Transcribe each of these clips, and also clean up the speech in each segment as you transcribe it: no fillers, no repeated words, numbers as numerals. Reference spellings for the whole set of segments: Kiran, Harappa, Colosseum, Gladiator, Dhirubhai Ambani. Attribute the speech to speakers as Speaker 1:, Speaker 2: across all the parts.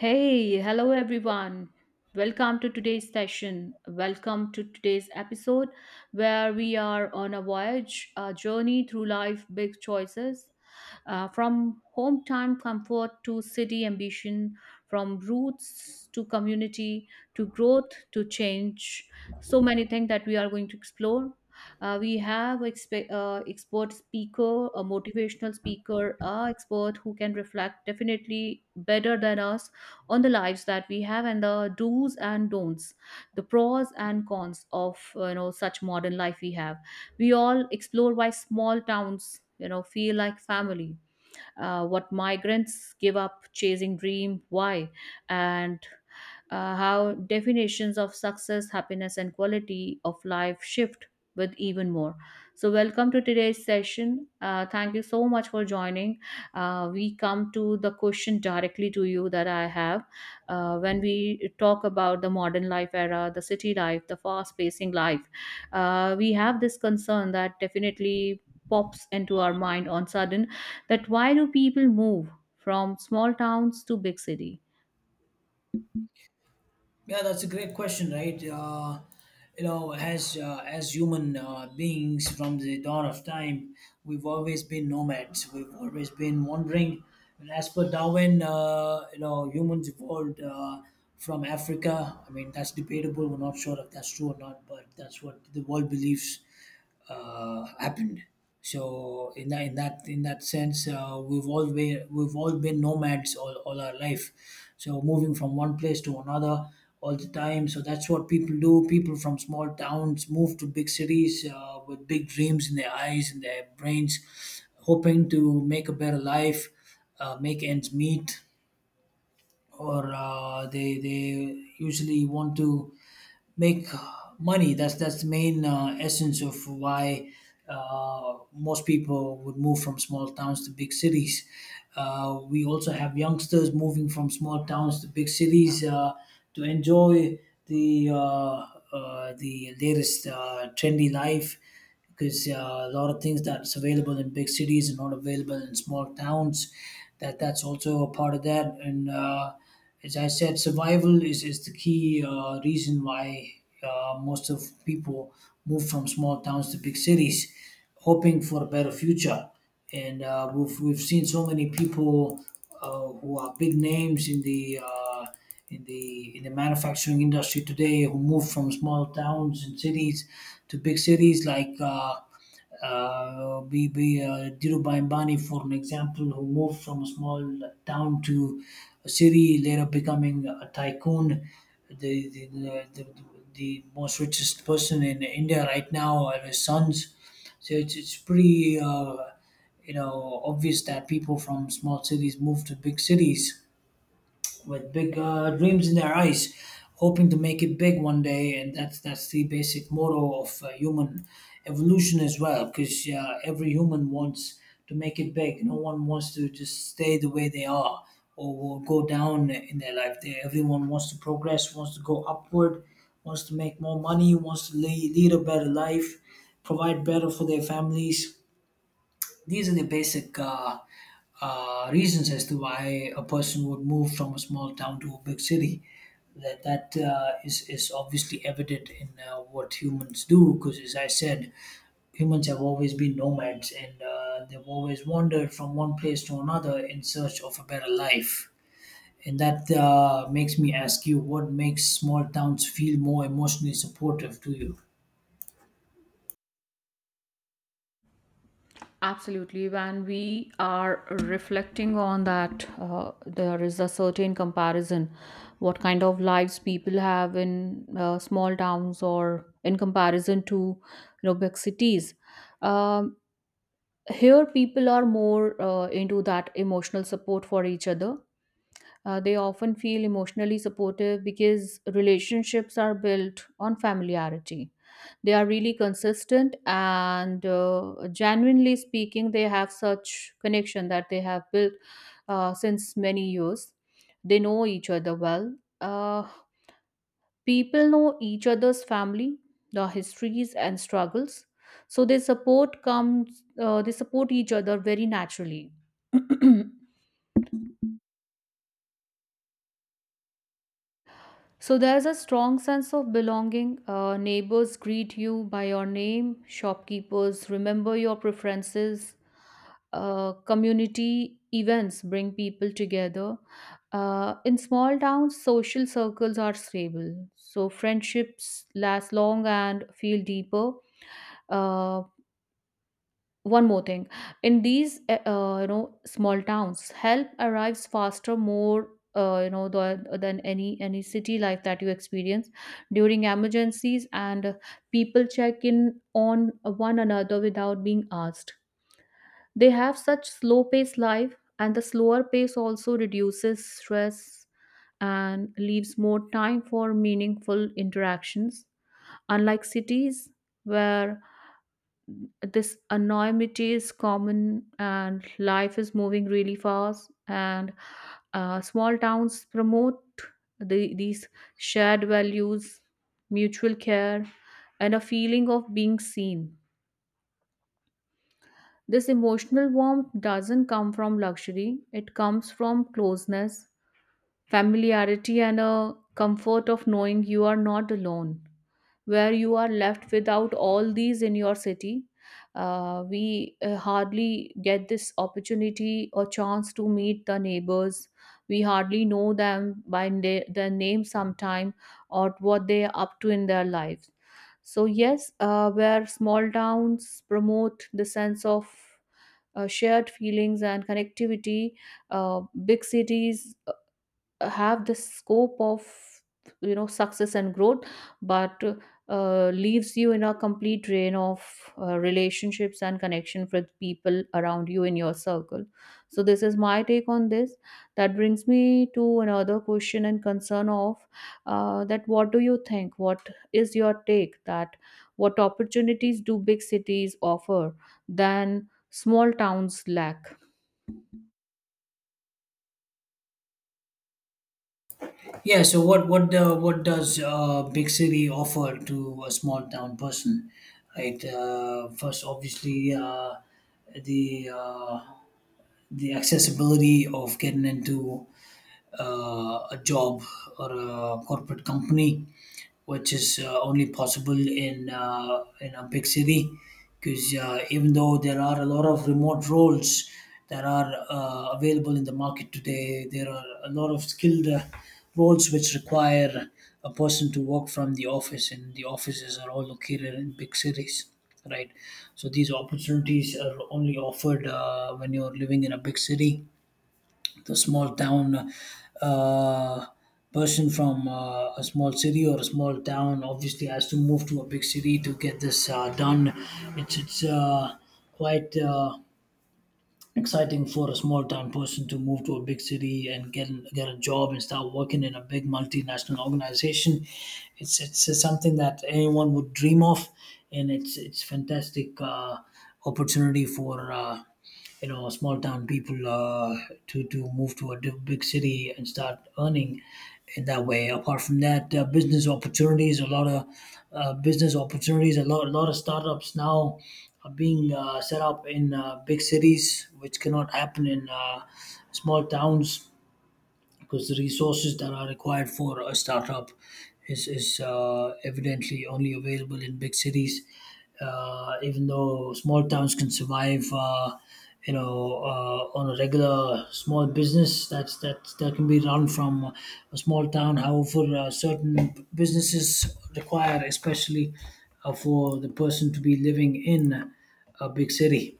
Speaker 1: Hey, hello everyone. Welcome to today's session. Welcome to today's episode where we are on a voyage, a journey through life, big choices. From hometown comfort to city ambition, from roots to community to growth to change. So many things that we are going to explore. We have expert speaker, a motivational speaker, a expert who can reflect definitely better than us on the lives that we have and the do's and don'ts, the pros and cons of you know such modern life we have. We all explore why small towns you know feel like family, what migrants give up chasing dream why, and how definitions of success, happiness and quality of life shift with even more. So welcome to today's session. Thank you so much for joining. We come to the question directly to you that I have. When we talk about the modern life era, the city life, the fast pacing life, we have this concern that definitely pops into our mind on sudden, that why do people move from small towns to big city?
Speaker 2: Yeah, that's a great question, right? As human beings from the dawn of time, we've always been nomads. We've always been wandering. And as per Darwin, humans evolved from Africa. I mean, that's debatable. We're not sure if that's true or not, but that's what the world believes happened. So in that in that in that sense, we've all been nomads all our life. So moving from one place to another all the time. So that's what people do. People from small towns move to big cities with big dreams in their eyes and their brains, hoping to make a better life, make ends meet, or uh, they usually want to make money. That's the main essence of why most people would move from small towns to big cities. We also have youngsters moving from small towns to big cities to enjoy the uh, the latest trendy life because a lot of things that's available in big cities are not available in small towns that's also a part of that. And as I said, survival is the key reason why most of people move from small towns to big cities, hoping for a better future. And we've seen so many people who are big names in the in the in the manufacturing industry today, who moved from small towns and cities to big cities like be Dhirubhai Ambani for an example, who moved from a small town to a city, later becoming a tycoon. The the, the, the, the most richest person in India right now are his sons. So it's pretty obvious that people from small cities move to big cities with big dreams in their eyes, hoping to make it big one day. And that's the basic motto of human evolution as well, because every human wants to make it big. No one wants to just stay the way they are or will go down in their life. Everyone wants to progress, wants to go upward, wants to make more money, wants to lead a better life, provide better for their families. These are the basic reasons as to why a person would move from a small town to a big city. That is obviously evident in what humans do, because as I said, humans have always been nomads, and they've always wandered from one place to another in search of a better life. And that makes me ask you, what makes small towns feel more emotionally supportive to you?
Speaker 1: Absolutely. When we are reflecting on that, there is a certain comparison what kind of lives people have in small towns or in comparison to you know, big cities. Um, Here, people are more into that emotional support for each other. They often feel emotionally supportive because relationships are built on familiarity. They are really consistent and, genuinely speaking, they have such connection that they have built since many years. They know each other well. Uh, People know each other's family, their histories and struggles. So they support comes. They support each other very naturally. So there's a strong sense of belonging. Neighbors greet you by your name, shopkeepers remember your preferences, community events bring people together. In small towns, social circles are stable, so friendships last long and feel deeper. Uh, One more thing, in these you know small towns, help arrives faster, more. You know than any city life that you experience during emergencies, and people check in on one another without being asked. They have such slow paced life, and the slower pace also reduces stress and leaves more time for meaningful interactions. Unlike cities, where this anonymity is common and life is moving really fast, and small towns promote these shared values, mutual care, and a feeling of being seen. This emotional warmth doesn't come from luxury, it comes from closeness, familiarity, and a comfort of knowing you are not alone. Where you are left without all these in your city, we hardly get this opportunity or chance to meet the neighbors. We hardly know them by their name sometime, or what they are up to in their lives. So, yes, where small towns promote the sense of shared feelings and connectivity. Big cities have the scope of you know success and growth, but leaves you in a complete drain of relationships and connection with people around you in your circle. So this is my take on this. That brings me to another question and concern of, that what do you think, what is your take that what opportunities do big cities offer than small towns lack?
Speaker 2: Yeah. So what does big city offer to a small town person? Right. First, obviously, the uh, the accessibility of getting into a job or a corporate company, which is only possible in a big city, because even though there are a lot of remote roles that are available in the market today, there are a lot of skilled roles which require a person to work from the office, and the offices are all located in big cities, right? So these opportunities are only offered when you're living in a big city. The small town uh, person from a small city or a small town obviously has to move to a big city to get this done. It's quite exciting for a small town person to move to a big city and get a job and start working in a big multinational organization. It's something that anyone would dream of, and it's fantastic opportunity for small town people to move to a big city and start earning in that way. Apart from that, business opportunities, a lot of startups now are being set up in big cities, which cannot happen in small towns, because the resources that are required for a startup is evidently only available in big cities. Even though small towns can survive, on a regular small business that that can be run from a small town. However, certain businesses require, especially for the person to be living in a big city,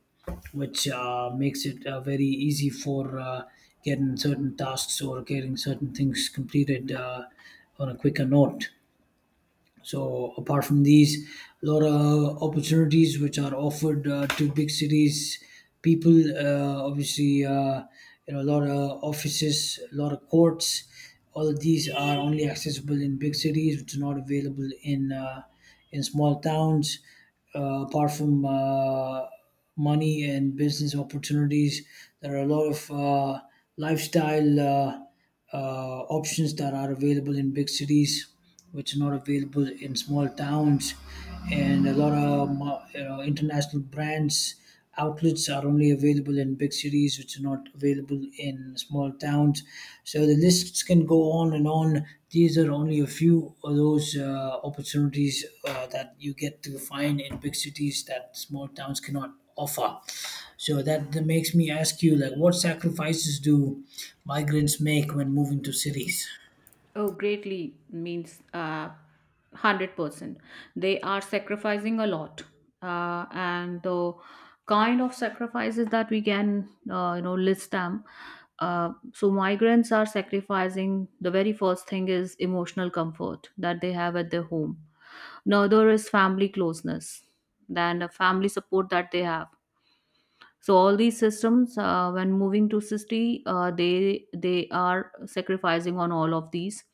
Speaker 2: which makes it very easy for getting certain tasks or getting certain things completed on a quicker note. So apart from these, a lot of opportunities which are offered to big cities people. Obviously, a lot of offices, a lot of courts. All of these are only accessible in big cities, which are not available in small towns. Apart from money and business opportunities, there are a lot of lifestyle options that are available in big cities, which are not available in small towns, and a lot of international brands outlets are only available in big cities, which are not available in small towns. So the lists can go on and on. These are only a few of those opportunities that you get to find in big cities that small towns cannot offer. So that makes me ask you, like, what sacrifices do migrants make when moving to cities?
Speaker 1: Oh, greatly means, 100%. They are sacrificing a lot. And the kind of sacrifices that we can, you know, list them. So migrants are sacrificing the very first thing is emotional comfort that they have at their home. Another is family closeness, then the family support that they have. So all these systems, when moving to city, they are sacrificing on all of these.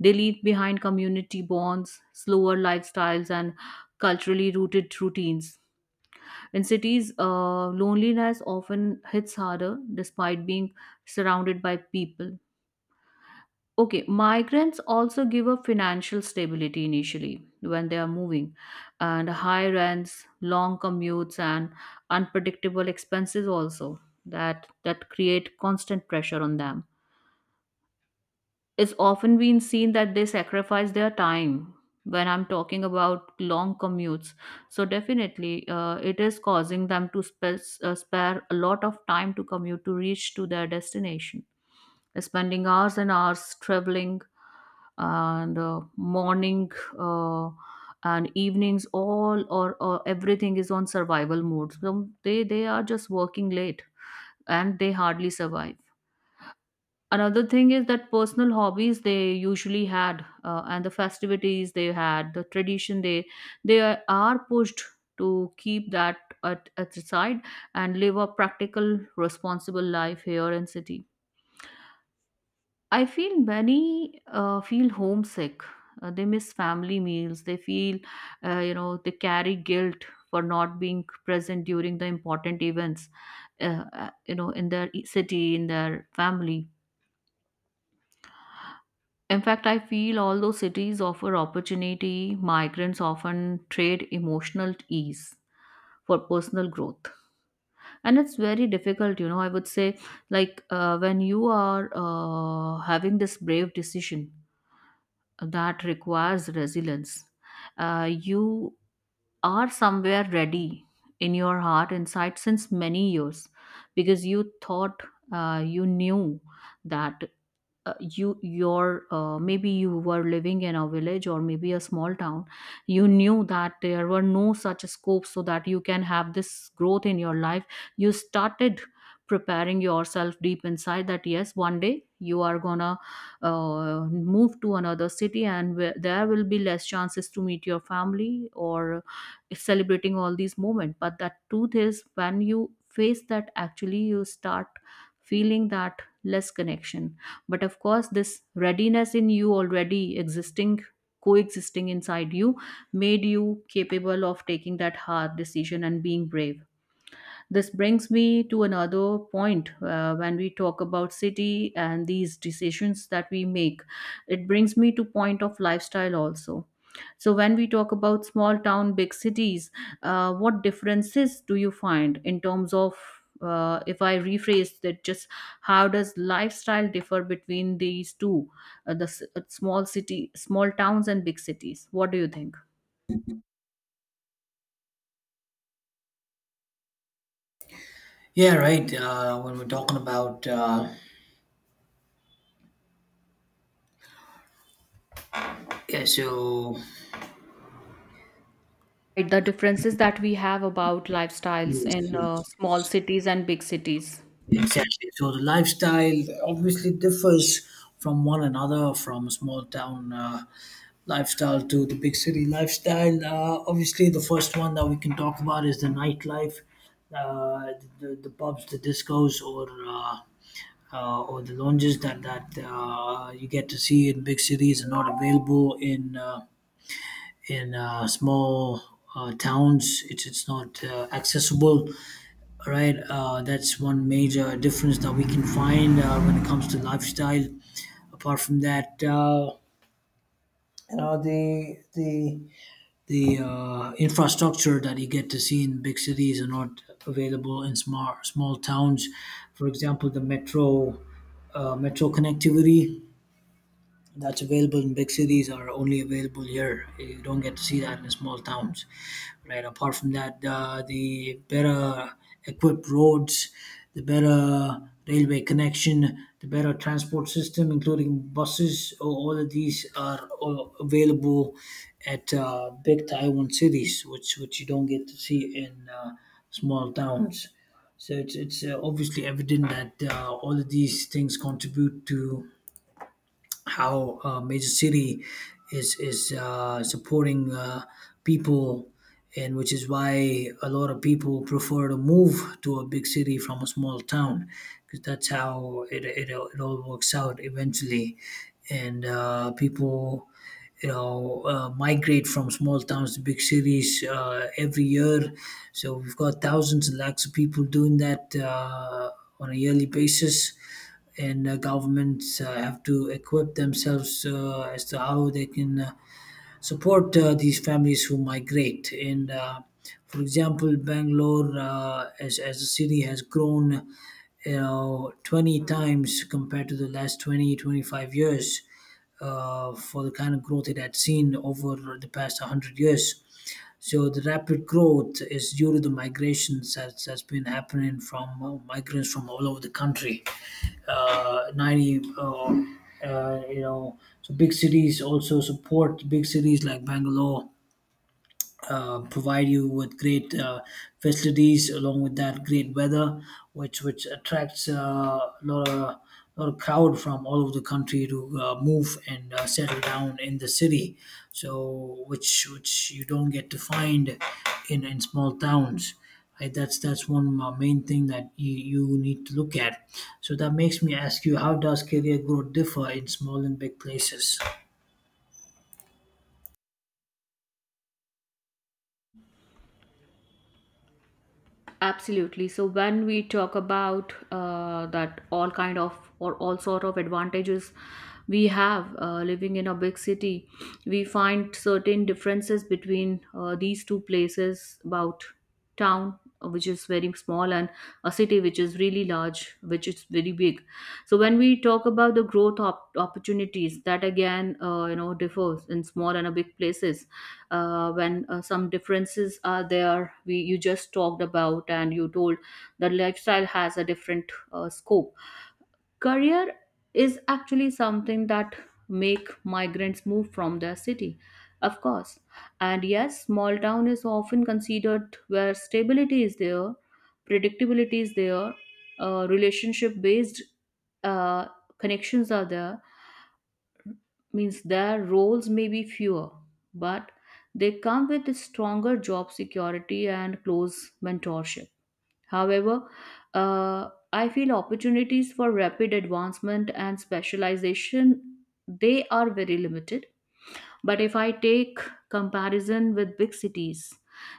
Speaker 1: They leave behind community bonds, slower lifestyles, and culturally rooted routines. In cities, loneliness often hits harder, despite being surrounded by people. Okay, migrants also give up financial stability initially when they are moving, and high rents, long commutes, and unpredictable expenses also that create constant pressure on them. It's often been seen that they sacrifice their time when I'm talking about long commutes. So definitely, it is causing them to spare a lot of time to commute to reach to their destination, spending hours and hours traveling, and morning uh, and evenings all or everything is on survival mode, so they are just working late and they hardly survive. Another thing is that personal hobbies they usually had, and the festivities they had, the tradition they, they are pushed to keep that at the side and live a practical responsible life here in city. I feel many feel homesick. They miss family meals. They feel, you know, they carry guilt for not being present during the important events, you know, in their city, in their family. In fact, I feel all those cities offer opportunity. Migrants often trade emotional ease for personal growth. And it's very difficult, you know, I would say, like when you are having this brave decision that requires resilience. You are somewhere ready in your heart inside since many years, because you thought, you knew that, you your maybe you were living in a village or maybe a small town, you knew that there were no such scopes so that you can have this growth in your life. You started preparing yourself deep inside that yes, one day you are gonna uh, move to another city, and where there will be less chances to meet your family or celebrating all these moments. But the truth is, when you face that, actually you start feeling that less connection. But of course, this readiness in you already existing, coexisting inside you, made you capable of taking that hard decision and being brave. This brings me to another point, when we talk about city and these decisions that we make. It brings me to point of lifestyle also. So when we talk about small town, big cities, what differences do you find in terms of, if I rephrase that, just how does lifestyle differ between these two, small city, small towns, and big cities? What do you think?
Speaker 2: Yeah, right. When we're talking about, yeah, so
Speaker 1: Right, the differences that we have about lifestyles
Speaker 2: yes,
Speaker 1: in
Speaker 2: yes,
Speaker 1: small cities and big cities.
Speaker 2: yes, exactly. So the lifestyle obviously differs from one another, from a small town lifestyle to the big city lifestyle. Obviously, the first one that we can talk about is the nightlife, uh, the pubs, the discos, or the lounges that you get to see in big cities are not available in small towns. It's not accessible, right? That's one major difference that we can find when it comes to lifestyle. Apart from that, you know the infrastructure that you get to see in big cities are not available in small towns. For example, the metro connectivity that's available in big cities are only available here. You don't get to see that in the small towns, right? Apart from that, the better equipped roads, the better railway connection, the better transport system, including buses, all of these are all available at big Taiwan cities, which you don't get to see in small towns. So it's obviously evident that all of these things contribute to how a major city is supporting people, and which is why a lot of people prefer to move to a big city from a small town, because that's how it all works out eventually, and people migrate from small towns to big cities every year. So we've got thousands and lakhs of people doing that on a yearly basis. And governments have to equip themselves as to how they can support these families who migrate. And for example, Bangalore as a city has grown, 20 times compared to the last 20 25 years, for the kind of growth it had seen over the past 100 years. So the rapid growth is due to the migrations that's been happening from migrants from all over the country. Uh, 90, uh, uh, you know, so big cities also support. Big cities like Bangalore provide you with great facilities, along with that great weather, which attracts a lot of crowd from all over the country to move and settle down in the city. So which you don't get to find in small towns, right? That's one main thing that you need to look at. So that makes me ask you, how does career growth differ in small and big places?
Speaker 1: Absolutely. So when we talk about that all kind of or all sort of advantages we have living in a big city, we find certain differences between these two places about town which is very small, and a city which is really large, which is very big. So when we talk about the opportunities, that again, you know, differs in small and a big places. When some differences are there, we, you just talked about and you told that lifestyle has a different scope. Career is actually something that make migrants move from their city, of course. And yes, small town is often considered where stability is there, predictability is there, relationship based uh, connections are there, means their roles may be fewer, but they come with stronger job security and close mentorship. However, I feel opportunities for rapid advancement and specialization, they are very limited. But if I take comparison with big cities,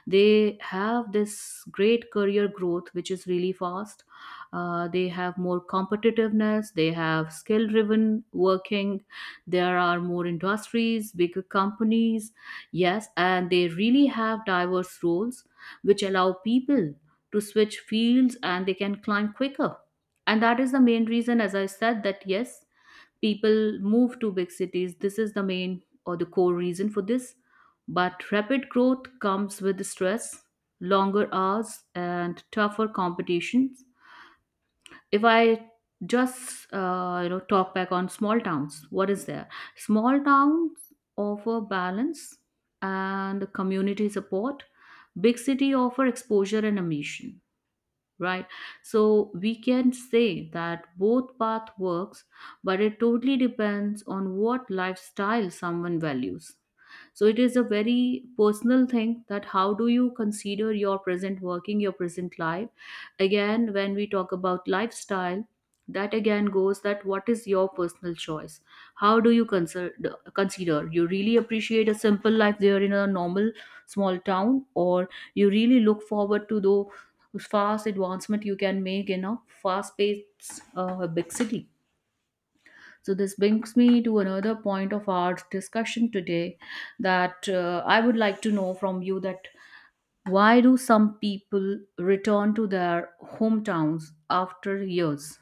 Speaker 1: they have this great career growth which is really fast. They have more competitiveness, they have skill driven working, there are more industries, bigger companies. Yes, and they really have diverse roles which allow people to switch fields, and they can climb quicker. And that is the main reason, as I said, that yes, people move to big cities. This is the main or the core reason for this. But rapid growth comes with stress, longer hours, and tougher competitions. If I just, you know, talk back on small towns, what is there? Small towns offer balance and community support. Big city offer exposure and ambition, right? So we can say that both path works, but it totally depends on what lifestyle someone values. So it is a very personal thing, that how do you consider your present working, your present life. Again, when we talk about lifestyle, that again goes that what is your personal choice. How do you consider, you really appreciate a simple life there in a normal small town, or you really look forward to the fast advancement you can make in a fast paced big city. So this brings me to another point of our discussion today, that I would like to know from you that why do some people return to their hometowns after years?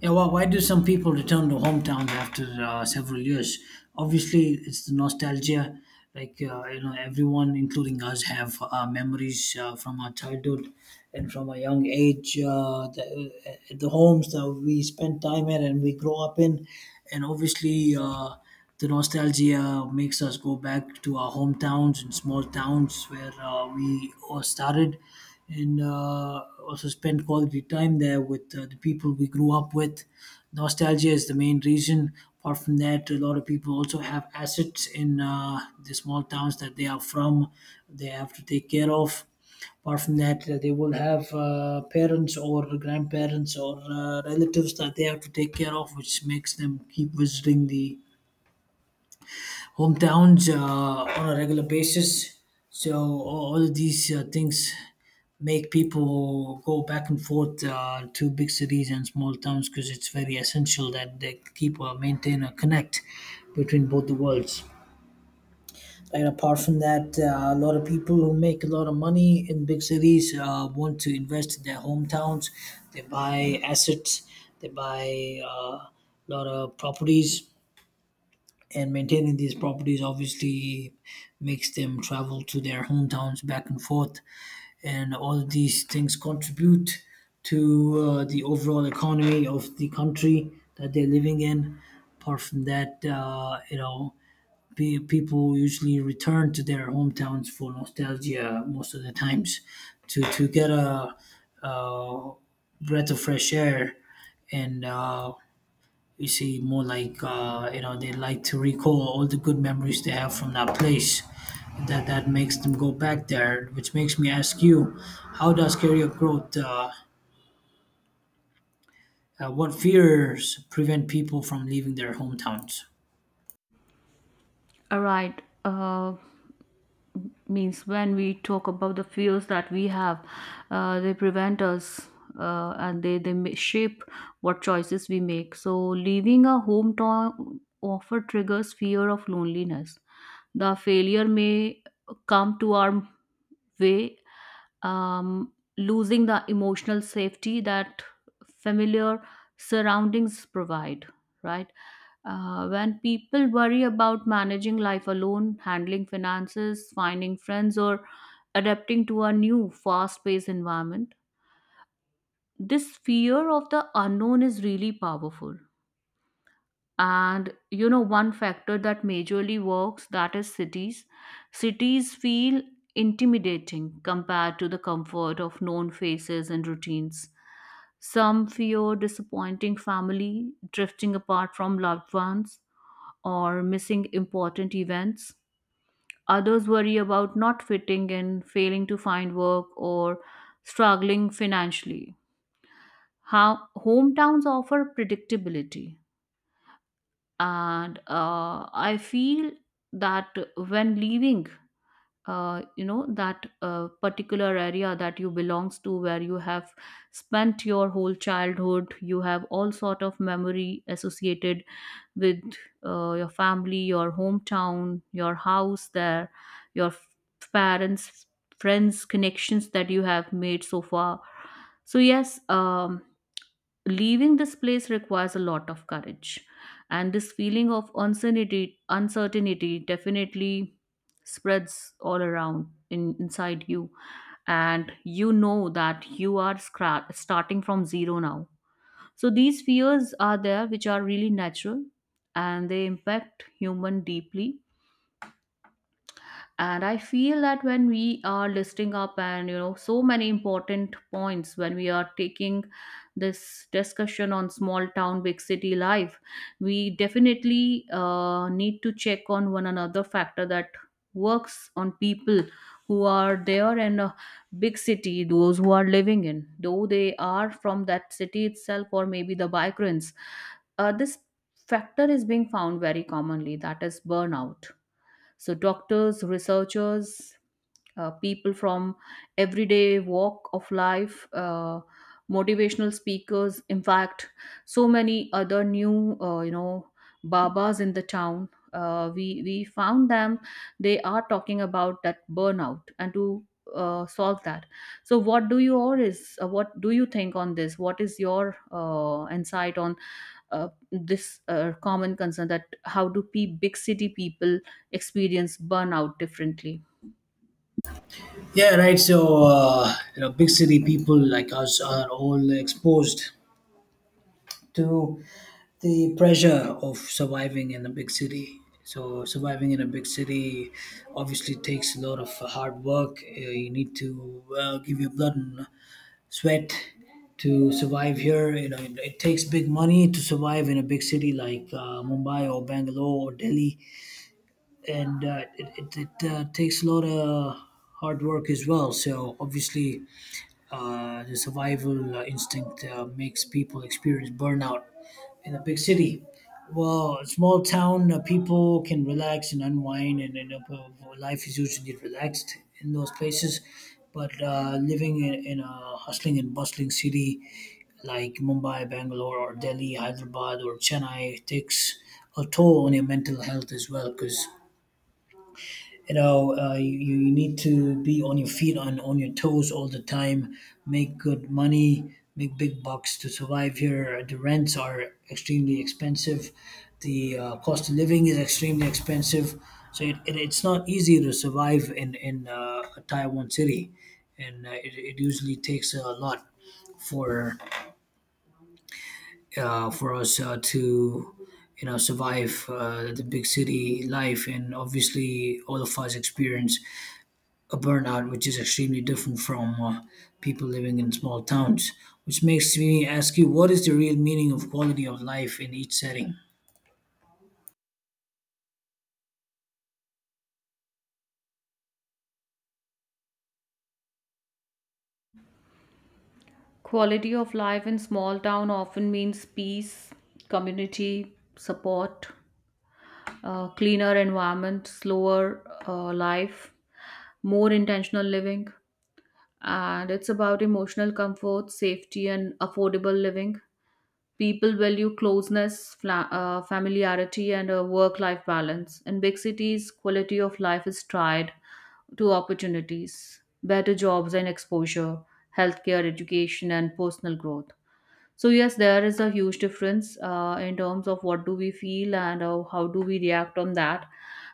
Speaker 2: Yeah, well, why do some people return to hometowns after several years? Obviously, it's the nostalgia. Like everyone, including us, have memories from our childhood and from a young age. The homes that we spent time at and we grow up in, and obviously, the nostalgia makes us go back to our hometowns and small towns where we all started, and also spend quality time there with the people we grew up with. Nostalgia is the main reason. Apart from that, a lot of people also have assets in the small towns that they are from. They have to take care of, apart from that they will have parents or grandparents or relatives that they have to take care of, which makes them keep visiting the hometowns on a regular basis. So all of these things make people go back and forth to big cities and small towns because it's very essential that they keep or maintain a connect between both the worlds. And apart from that, a lot of people who make a lot of money in big cities want to invest in their hometowns. They buy assets, they buy uh, a lot of properties, and maintaining these properties obviously makes them travel to their hometowns back and forth, and all of these things contribute to the overall economy of the country that they're living in. Apart from that, people usually return to their hometowns for nostalgia most of the times, to get a, uh breath of fresh air. And you see, more like, they like to recall all the good memories they have from that place. That makes them go back there, which makes me ask you, how does career growth what fears prevent people from leaving their hometowns?
Speaker 1: All right. Means when we talk about the fears that we have, they prevent us and they shape what choices we make. So leaving a hometown often triggers fear of loneliness. The failure may come to our way, um, losing the emotional safety that familiar surroundings provide, right? When people worry about managing life alone, handling finances, finding friends, or adapting to a new fast paced environment, this fear of the unknown is really powerful. And you know, one factor that majorly works, that is Cities feel intimidating compared to the comfort of known faces and routines. Some fear disappointing family, drifting apart from loved ones, or missing important events. Others worry about not fitting in, failing to find work, or struggling financially. How hometowns offer predictability, and I feel that when leaving that particular area that you belongs to, where you have spent your whole childhood. You have all sort of memory associated with your family, your hometown, your house there, your f- parents, friends, connections that you have made so far. So yes, leaving this place requires a lot of courage, and this feeling of uncertainty definitely spreads all around inside you. And you know that you are starting from zero now. So these fears are there, which are really natural, and they impact human deeply. And I feel that when we are listing up and so many important points when we are taking this discussion on small town big city life, we definitely need to check on one another factor that works on people who are there in a big city, those who are living in, though they are from that city itself or maybe the migrants. This factor is being found very commonly, that is burnout. So, doctors, researchers, people from everyday walk of life, motivational speakers. In fact, so many other new, babas in the town. We found them. They are talking about that burnout and to solve that. So, what do you or is, what do you think on this? What is your insight on this common concern, that how do pe big city people experience burnout differently?
Speaker 2: Yeah, right. So you know, big city people like us are all exposed to the pressure of surviving in a big city. So surviving in a big city obviously takes a lot of hard work. You need to give your blood and sweat to survive here. You know, it takes big money to survive in a big city like Mumbai or Bangalore or Delhi, and it takes a lot of hard work as well. So obviously, the survival instinct makes people experience burnout in a big city. Well, a small town people can relax and unwind, and life is usually relaxed in those places. But living in a hustling and bustling city like Mumbai, Bangalore, or Delhi, Hyderabad, or Chennai takes a toll on your mental health as well, because you know you need to be on your feet and on your toes all the time, make good money, make big bucks to survive here. The rents are extremely expensive, the cost of living is extremely expensive. So it's not easy to survive in a taiwan city, and it usually takes a lot for for us to, you know, survive the big city life. And obviously all of us experience a burnout, which is extremely different from people living in small towns. Which makes me ask you, what is the real meaning of quality of life in each setting?
Speaker 1: Quality of life in small town often means peace, community support, cleaner environment, slower life, more intentional living. And it's about emotional comfort, safety, and affordable living. People value closeness, familiarity, and a work life balance. In big cities quality of life is tried to opportunities, better jobs and exposure, healthcare, education, and personal growth. So yes, there is a huge difference in terms of what do we feel and how do we react on that.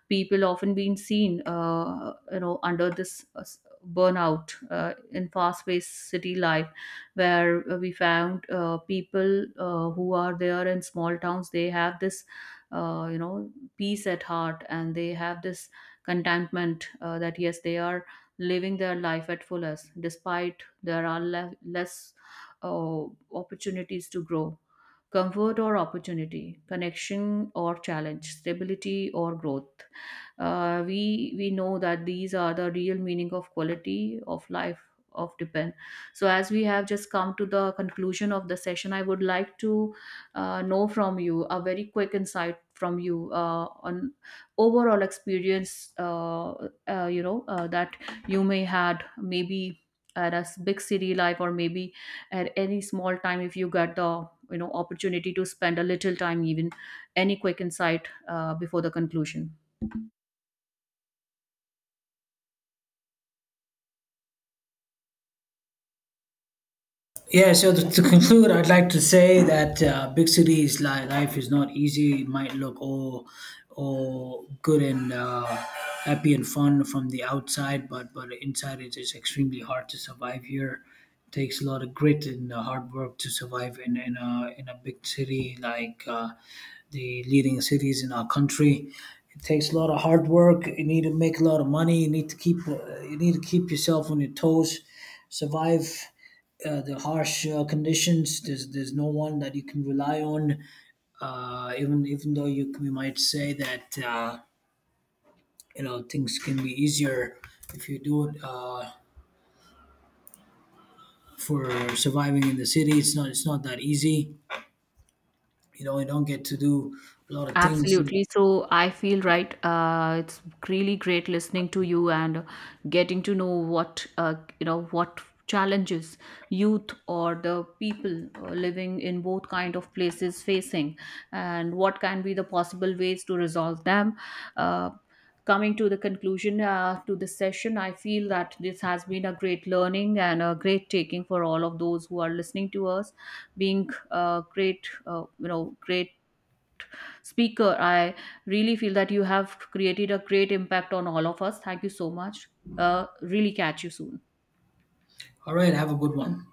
Speaker 1: People often been seen under this burnout in fast paced city life, where we found people who are there in small towns. They have this uh, you know peace at heart, and they have this contentment, that yes they are living their life at fullest despite there are less uh, opportunities to grow. Comfort or opportunity, connection or challenge, stability or growth, we know that these are the real meaning of quality of life of depend. So as we have just come to the conclusion of the session, I would like to know from you a very quick insight from you on overall experience, that you may had, maybe at a big city life, or maybe at any small time, if you get the opportunity to spend a little time, even any quick insight before the conclusion.
Speaker 2: Yeah, so to conclude, I'd like to say that big cities life is not easy. It might look all good and happy and fun from the outside, but inside it is extremely hard to survive here. It takes a lot of grit and hard work to survive in a big city like the leading cities in our country. It takes a lot of hard work. You need to make a lot of money. You need to keep you need to keep yourself on your toes, survive the harsh conditions. There's no one that you can rely on. Even though you we might say that you know things can be easier if you do it for surviving in the city. It's not, it's not that easy. You know, you don't get to do a lot of things.
Speaker 1: Absolutely. So I feel right. It's really great listening to you and getting to know what what challenges youth or the people living in both kind of places facing, and what can be the possible ways to resolve them. Uh, Coming to the conclusion to this session, I feel that this has been a great learning and a great taking for all of those who are listening to us, being great, great speaker. I really feel that you have created a great impact on all of us. Thank you so much. Really catch you soon.
Speaker 2: All right, have a good one.